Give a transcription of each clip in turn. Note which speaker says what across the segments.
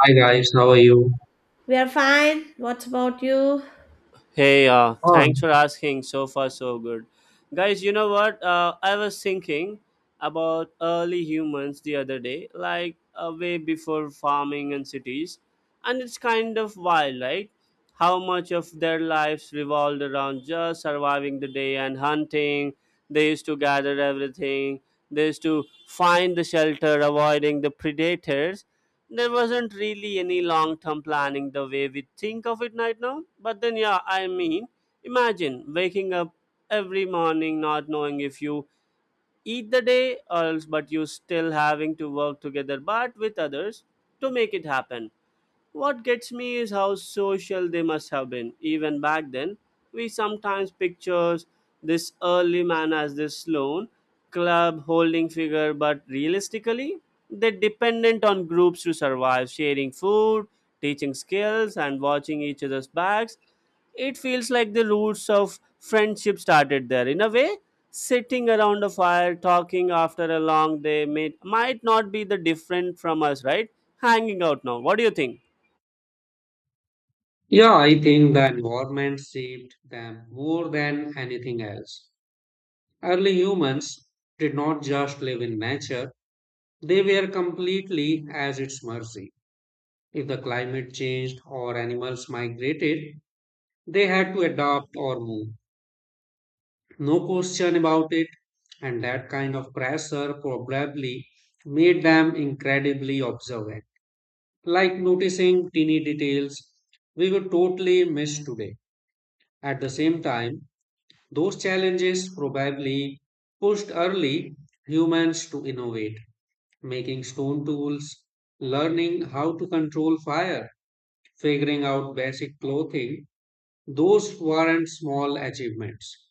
Speaker 1: Hi guys, how are you?
Speaker 2: We are fine. What about you?
Speaker 3: Hey,
Speaker 1: Oh,
Speaker 3: thanks for asking. So far, so good. Guys, you know what? I was thinking about early humans the other day, like way before farming and cities. And it's kind of wild, right? How much of their lives revolved around just surviving the day and hunting. They used to gather everything, they used to find the shelter, avoiding the predators there wasn't really any long term planning the way we think of it right now. But then, yeah, I mean, imagine waking up every morning not knowing if you eat the day or else, but you still having to work together but with others to make it happen. What gets me is how social they must have been. Even back then, we sometimes pictures this early man as this lone club holding figure, but realistically, they dependent on groups to survive, sharing food, teaching skills, and watching each other's backs. It feels like the roots of friendship started there. In a way, sitting around a fire talking after a long day might not be the different from us, right? Hanging out now. What do you think?
Speaker 1: yeah, I think the environment shaped them more than anything else. Early humans did not just live in nature, they were completely at its mercy. If the climate changed or animals migrated, they had to adapt or move. No question about it, and that kind of pressure probably made them incredibly observant, like noticing teeny details we would totally miss today. At the same time, those challenges probably pushed early humans to innovate, making stone tools, learning how to control fire, figuring out basic clothing. Those weren't small achievements.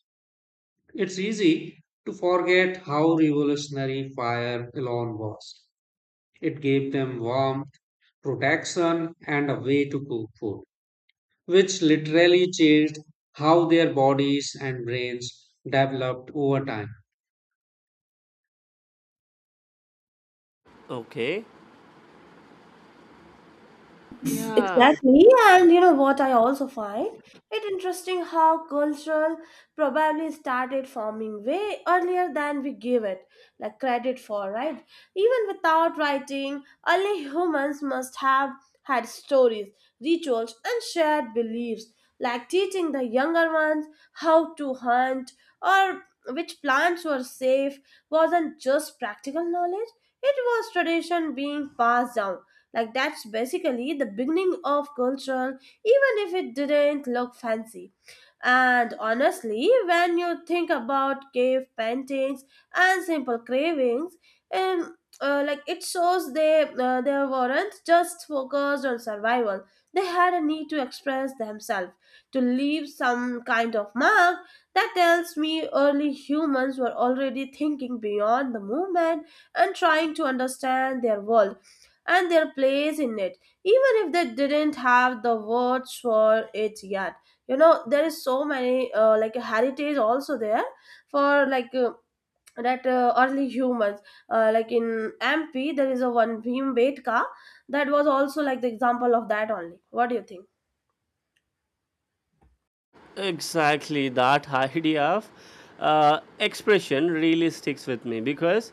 Speaker 1: It's easy to forget how revolutionary fire alone was. It gave them warmth, protection, and a way to cook food, which literally changed how their bodies and brains developed over time.
Speaker 3: Okay. Yeah,
Speaker 2: Exactly, and you know what, I also find it interesting how cultural probably started forming way earlier than we give it like credit for, right? Even without writing, early humans must have had stories, rituals, and shared beliefs, like teaching the younger ones how to hunt or which plants were safe wasn't just practical knowledge, it was tradition being passed down, like that's basically the beginning of culture, even if it didn't look fancy. And honestly, when you think about cave paintings and simple cravings, like it shows they weren't just focused on survival. They had a need to express themselves, to leave some kind of mark. That tells me early humans were already thinking beyond the movement and trying to understand their world and their place in it, even if they didn't have the words for it yet. You know, there is so many like heritage also there for like. That Early humans like in mp there is a one bhim betka that was also like the example of that only. What do you think?
Speaker 3: exactly. That idea of expression really sticks with me because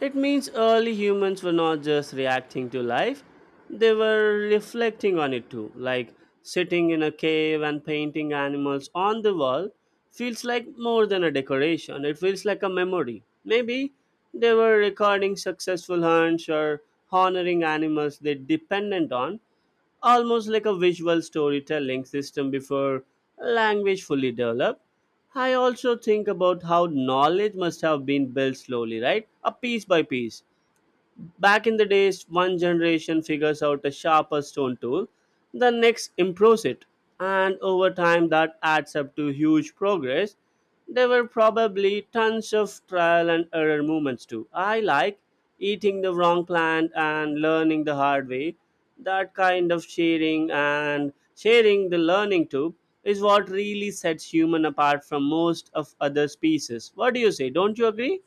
Speaker 3: it means early humans were not just reacting to life, they were reflecting on it too. Like sitting in a cave and painting animals on the wall feels like more than a decoration, it feels like a memory. Maybe they were recording successful hunts or honoring animals they dependent on almost like a visual storytelling system before language fully developed. I also think about how knowledge must have been built slowly, right? A piece by piece. Back in the days, one generation figures out a sharper stone tool, the next improves it, and over time that adds up to huge progress. There were probably tons of trial and error moments too. I like eating the wrong plant and learning the hard way. That kind of sharing and sharing the learning too is what really sets human apart from most of other species. What do you say? Don't you agree?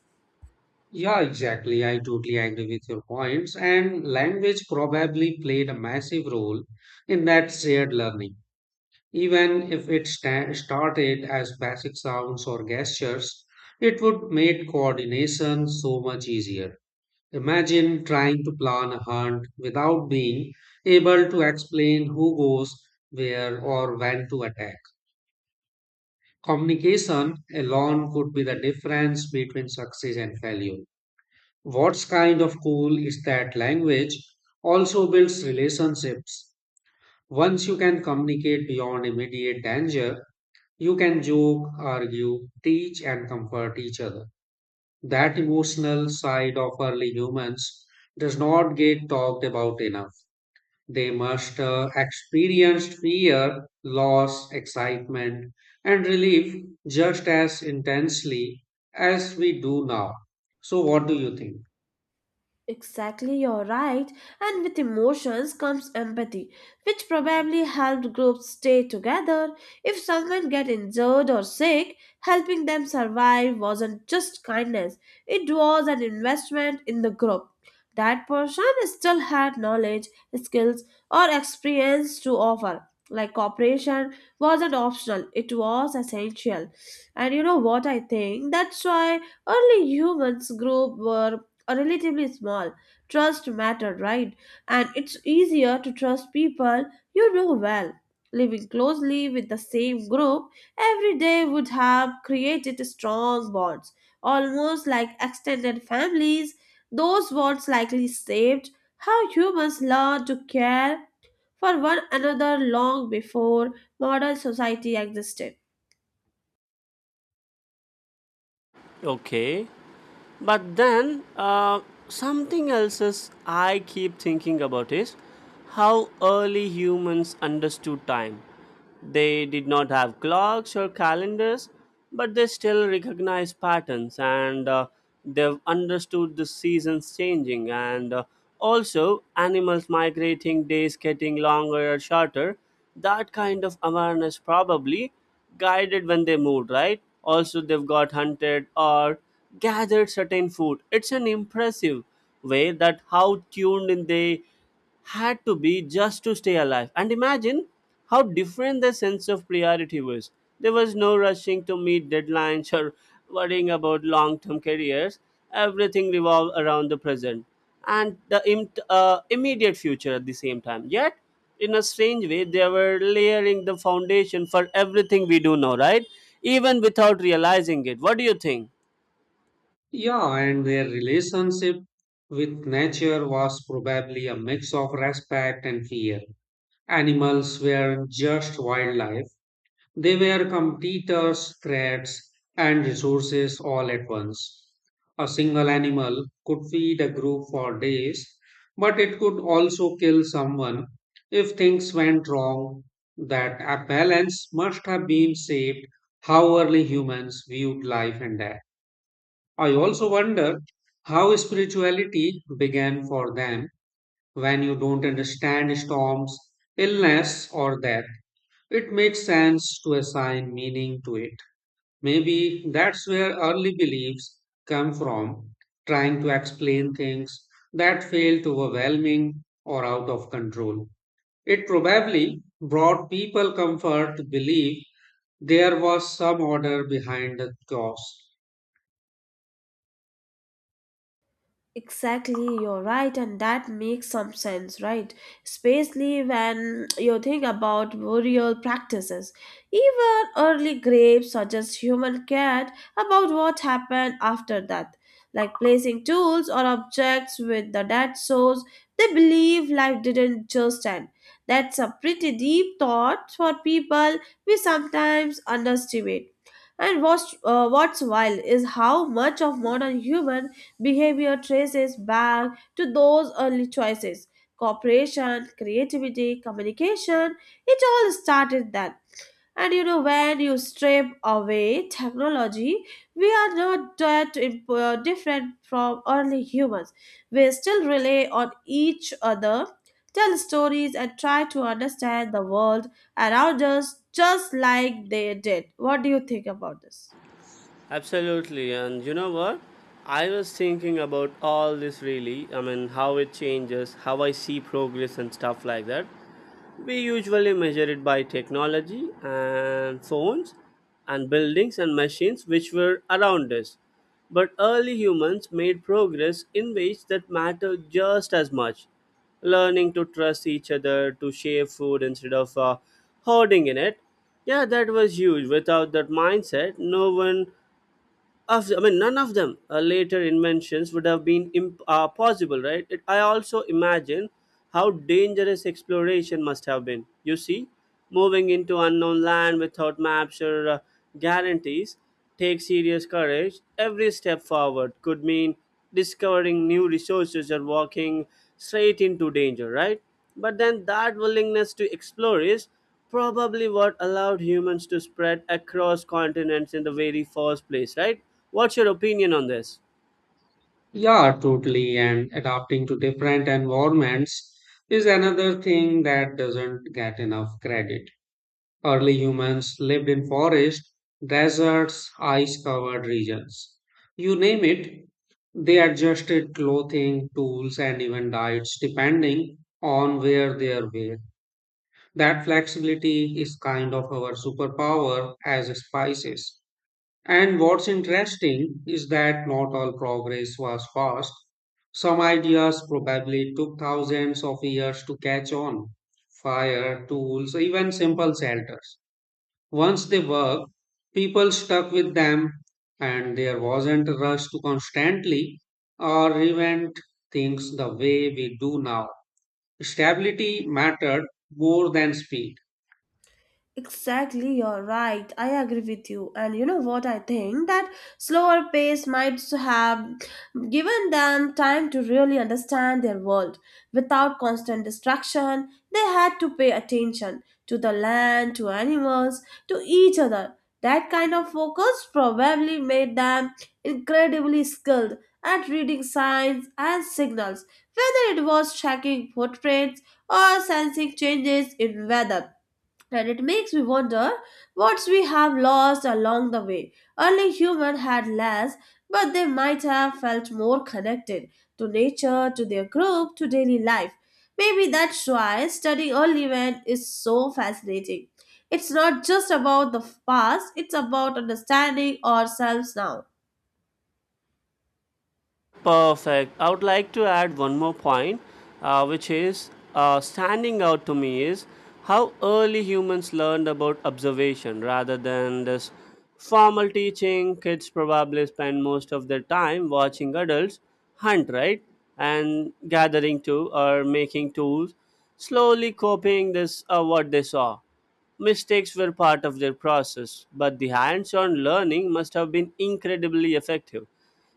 Speaker 1: Yeah, exactly. I totally agree with your points. And language probably played a massive role in that shared learning. Even if it started as basic sounds or gestures, it would make coordination so much easier. Imagine trying to plan a hunt without being able to explain who goes where or when to attack. Communication alone could be the difference between success and failure. What's kind of cool is that language also builds relationships. Once you can communicate beyond immediate danger, you can joke, argue, teach, and comfort each other. That emotional side of early humans does not get talked about enough. They must experience fear, loss, excitement, and relief just as intensely as we do now. So, what do you think?
Speaker 2: Exactly, you're right. And with emotions comes empathy, which probably helped groups stay together. If someone get injured or sick, helping them survive wasn't just kindness, it was an investment in the group. That person still had knowledge, skills, or experience to offer. Like cooperation wasn't optional, it was essential. And you know what I think? That's why early humans group were are relatively small. Trust matter, right? And it's easier to trust people you know well. Living closely with the same group every day would have created strong bonds, almost like extended families. Those bonds likely saved how humans learned to care for one another long before modern society existed.
Speaker 3: Okay. But then something else is I keep thinking about is how early humans understood time. They did not have clocks or calendars, but they still recognized patterns and they've understood the seasons changing and also animals migrating, days getting longer or shorter. That kind of awareness probably guided when they moved, right? Also, they've got hunted or gathered certain food. It's an impressive way that how tuned in they had to be just to stay alive. And imagine how different their sense of priority was. There was no rushing to meet deadlines or worrying about long term careers. Everything revolved around the present and the immediate future at the same time. Yet, in a strange way, they were layering the foundation for everything we do now, right? Even without realizing it. What do you think?
Speaker 1: Yeah, and their relationship with nature was probably a mix of respect and fear. Animals were just wildlife. They were competitors, threats, and resources all at once. A single animal could feed a group for days, but it could also kill someone if things went wrong. That a balance must have been saved how early humans viewed life and death. I also wonder how spirituality began for them when you don't understand storms, illness, or death. It makes sense to assign meaning to it. Maybe that's where early beliefs come from, trying to explain things that felt overwhelming or out of control. It probably brought people comfort to believe there was some order behind the chaos.
Speaker 2: Exactly, you're right, and that makes some sense, right? Especially when you think about burial practices. Even early graves suggest human cared about what happened after death, like placing tools or objects with the dead souls. They believe life didn't just end. That's a pretty deep thought for people we sometimes underestimate. And what's wild is how much of modern human behavior traces back to those early choices. Cooperation, creativity, communication, it all started then. And you know, when you strip away technology, we are not different from early humans. We still rely on each other, tell stories, and try to understand the world around us just like they did. What do you think about this?
Speaker 3: Absolutely, and you know what? I was thinking about all this really. I mean, how it changes, how I see progress and stuff like that. We usually measure it by technology and phones and buildings and machines which were around us. But early humans made progress in ways that matter just as much learning to trust each other, to share food instead of hoarding in it. Yeah, that was huge. Without that mindset, no one of I mean, none of them later inventions would have been possible, right? It, I also imagine how dangerous exploration must have been. You see, moving into unknown land without maps or guarantees takes serious courage. Every step forward could mean discovering new resources or walking straight into danger, right? But then that willingness to explore is probably what allowed humans to spread across continents in the very first place, right? What's your opinion on this?
Speaker 1: Yeah, totally. And adapting to different environments is another thing that doesn't get enough credit. Early humans lived in forests, deserts, ice covered regions. You name it, they adjusted clothing, tools, and even diets depending on where they were. That flexibility is kind of our superpower as spices. And what's interesting is that not all progress was fast. Some ideas probably took thousands of years to catch on. Fire, tools, even simple shelters. Once they worked, people stuck with them, and there wasn't a rush to constantly or reinvent things the way we do now. Stability mattered more than speed.
Speaker 2: Exactly, you're right. I agree with you. And you know what? I think that slower pace might have given them time to really understand their world. Without constant distraction, they had to pay attention to the land, to animals, to each other. That kind of focus probably made them incredibly skilled at reading signs and signals, whether it was tracking footprints or sensing changes in weather, and it makes me wonder what we have lost along the way. Early humans had less, but they might have felt more connected to nature, to their group, to daily life. Maybe that's why studying early man is so fascinating. It's not just about the past, it's about understanding ourselves now.
Speaker 3: Perfect. I would like to add one more point, which is standing out to me is how early humans learned about observation rather than this formal teaching. Kids probably spend most of their time watching adults hunt, right? And gathering to or making tools, slowly copying this what they saw. Mistakes were part of their process, but the hands on learning must have been incredibly effective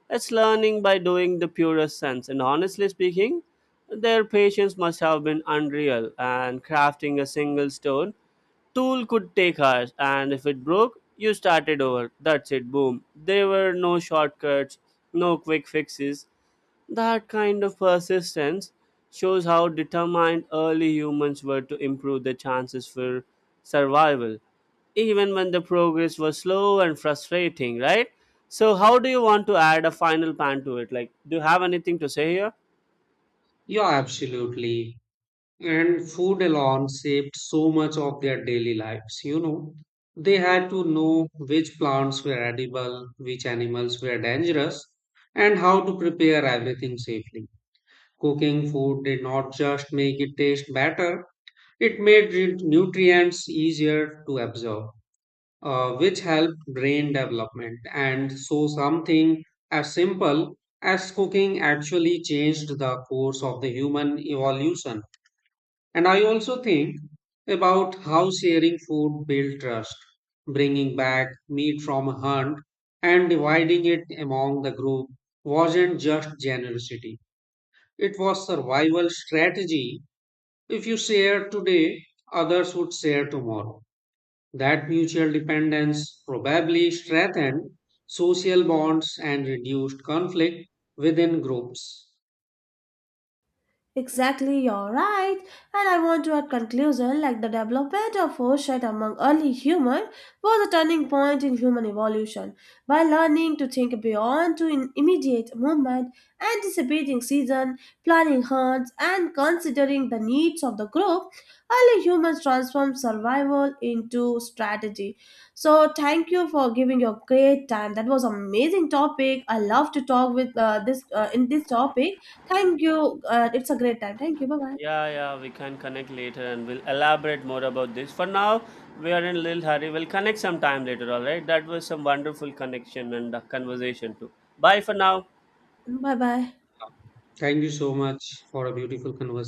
Speaker 3: it's learning by doing the purest sense. And honestly speaking, their patience must have been unreal. And crafting a single stone tool could take hours. And if it broke, you started over. That's it. Boom. There were no shortcuts, no quick fixes. That kind of persistence shows how determined early humans were to improve their chances for survival, even when the progress was slow and frustrating, right? So, how do you want to add a final pan to it? Like, do you have anything to say here?
Speaker 1: Yeah, absolutely. And food alone saved so much of their daily lives, you know. They had to know which plants were edible, which animals were dangerous, and how to prepare everything safely. Cooking food did not just make it taste better. It made nutrients easier to absorb, which helped brain development. And so, something as simple as cooking actually changed the course of the human evolution. And I also think about how sharing food built trust, bringing back meat from a hunt and dividing it among the group wasn't just generosity. It was survival strategy. If you share today, others would share tomorrow. That mutual dependence probably strengthened social bonds and reduced conflict within groups.
Speaker 2: Exactly, you're right. And I want to add conclusion like the development of foresight among early humans was a turning point in human evolution. By learning to think beyond to in immediate movement, anticipating season, planning hunts, and considering the needs of the group, early humans transformed survival into strategy. So thank you for giving your great time. That was amazing topic. I love to talk with this in this topic. Thank you. It's a great time. Thank you. Bye bye.
Speaker 3: Yeah, yeah, we can connect later and we'll elaborate more about this. For now, we are in a little hurry. We'll connect sometime later, all right? That was some wonderful connection and conversation too. Bye for now.
Speaker 2: Bye bye.
Speaker 1: Thank you so much for a beautiful conversation.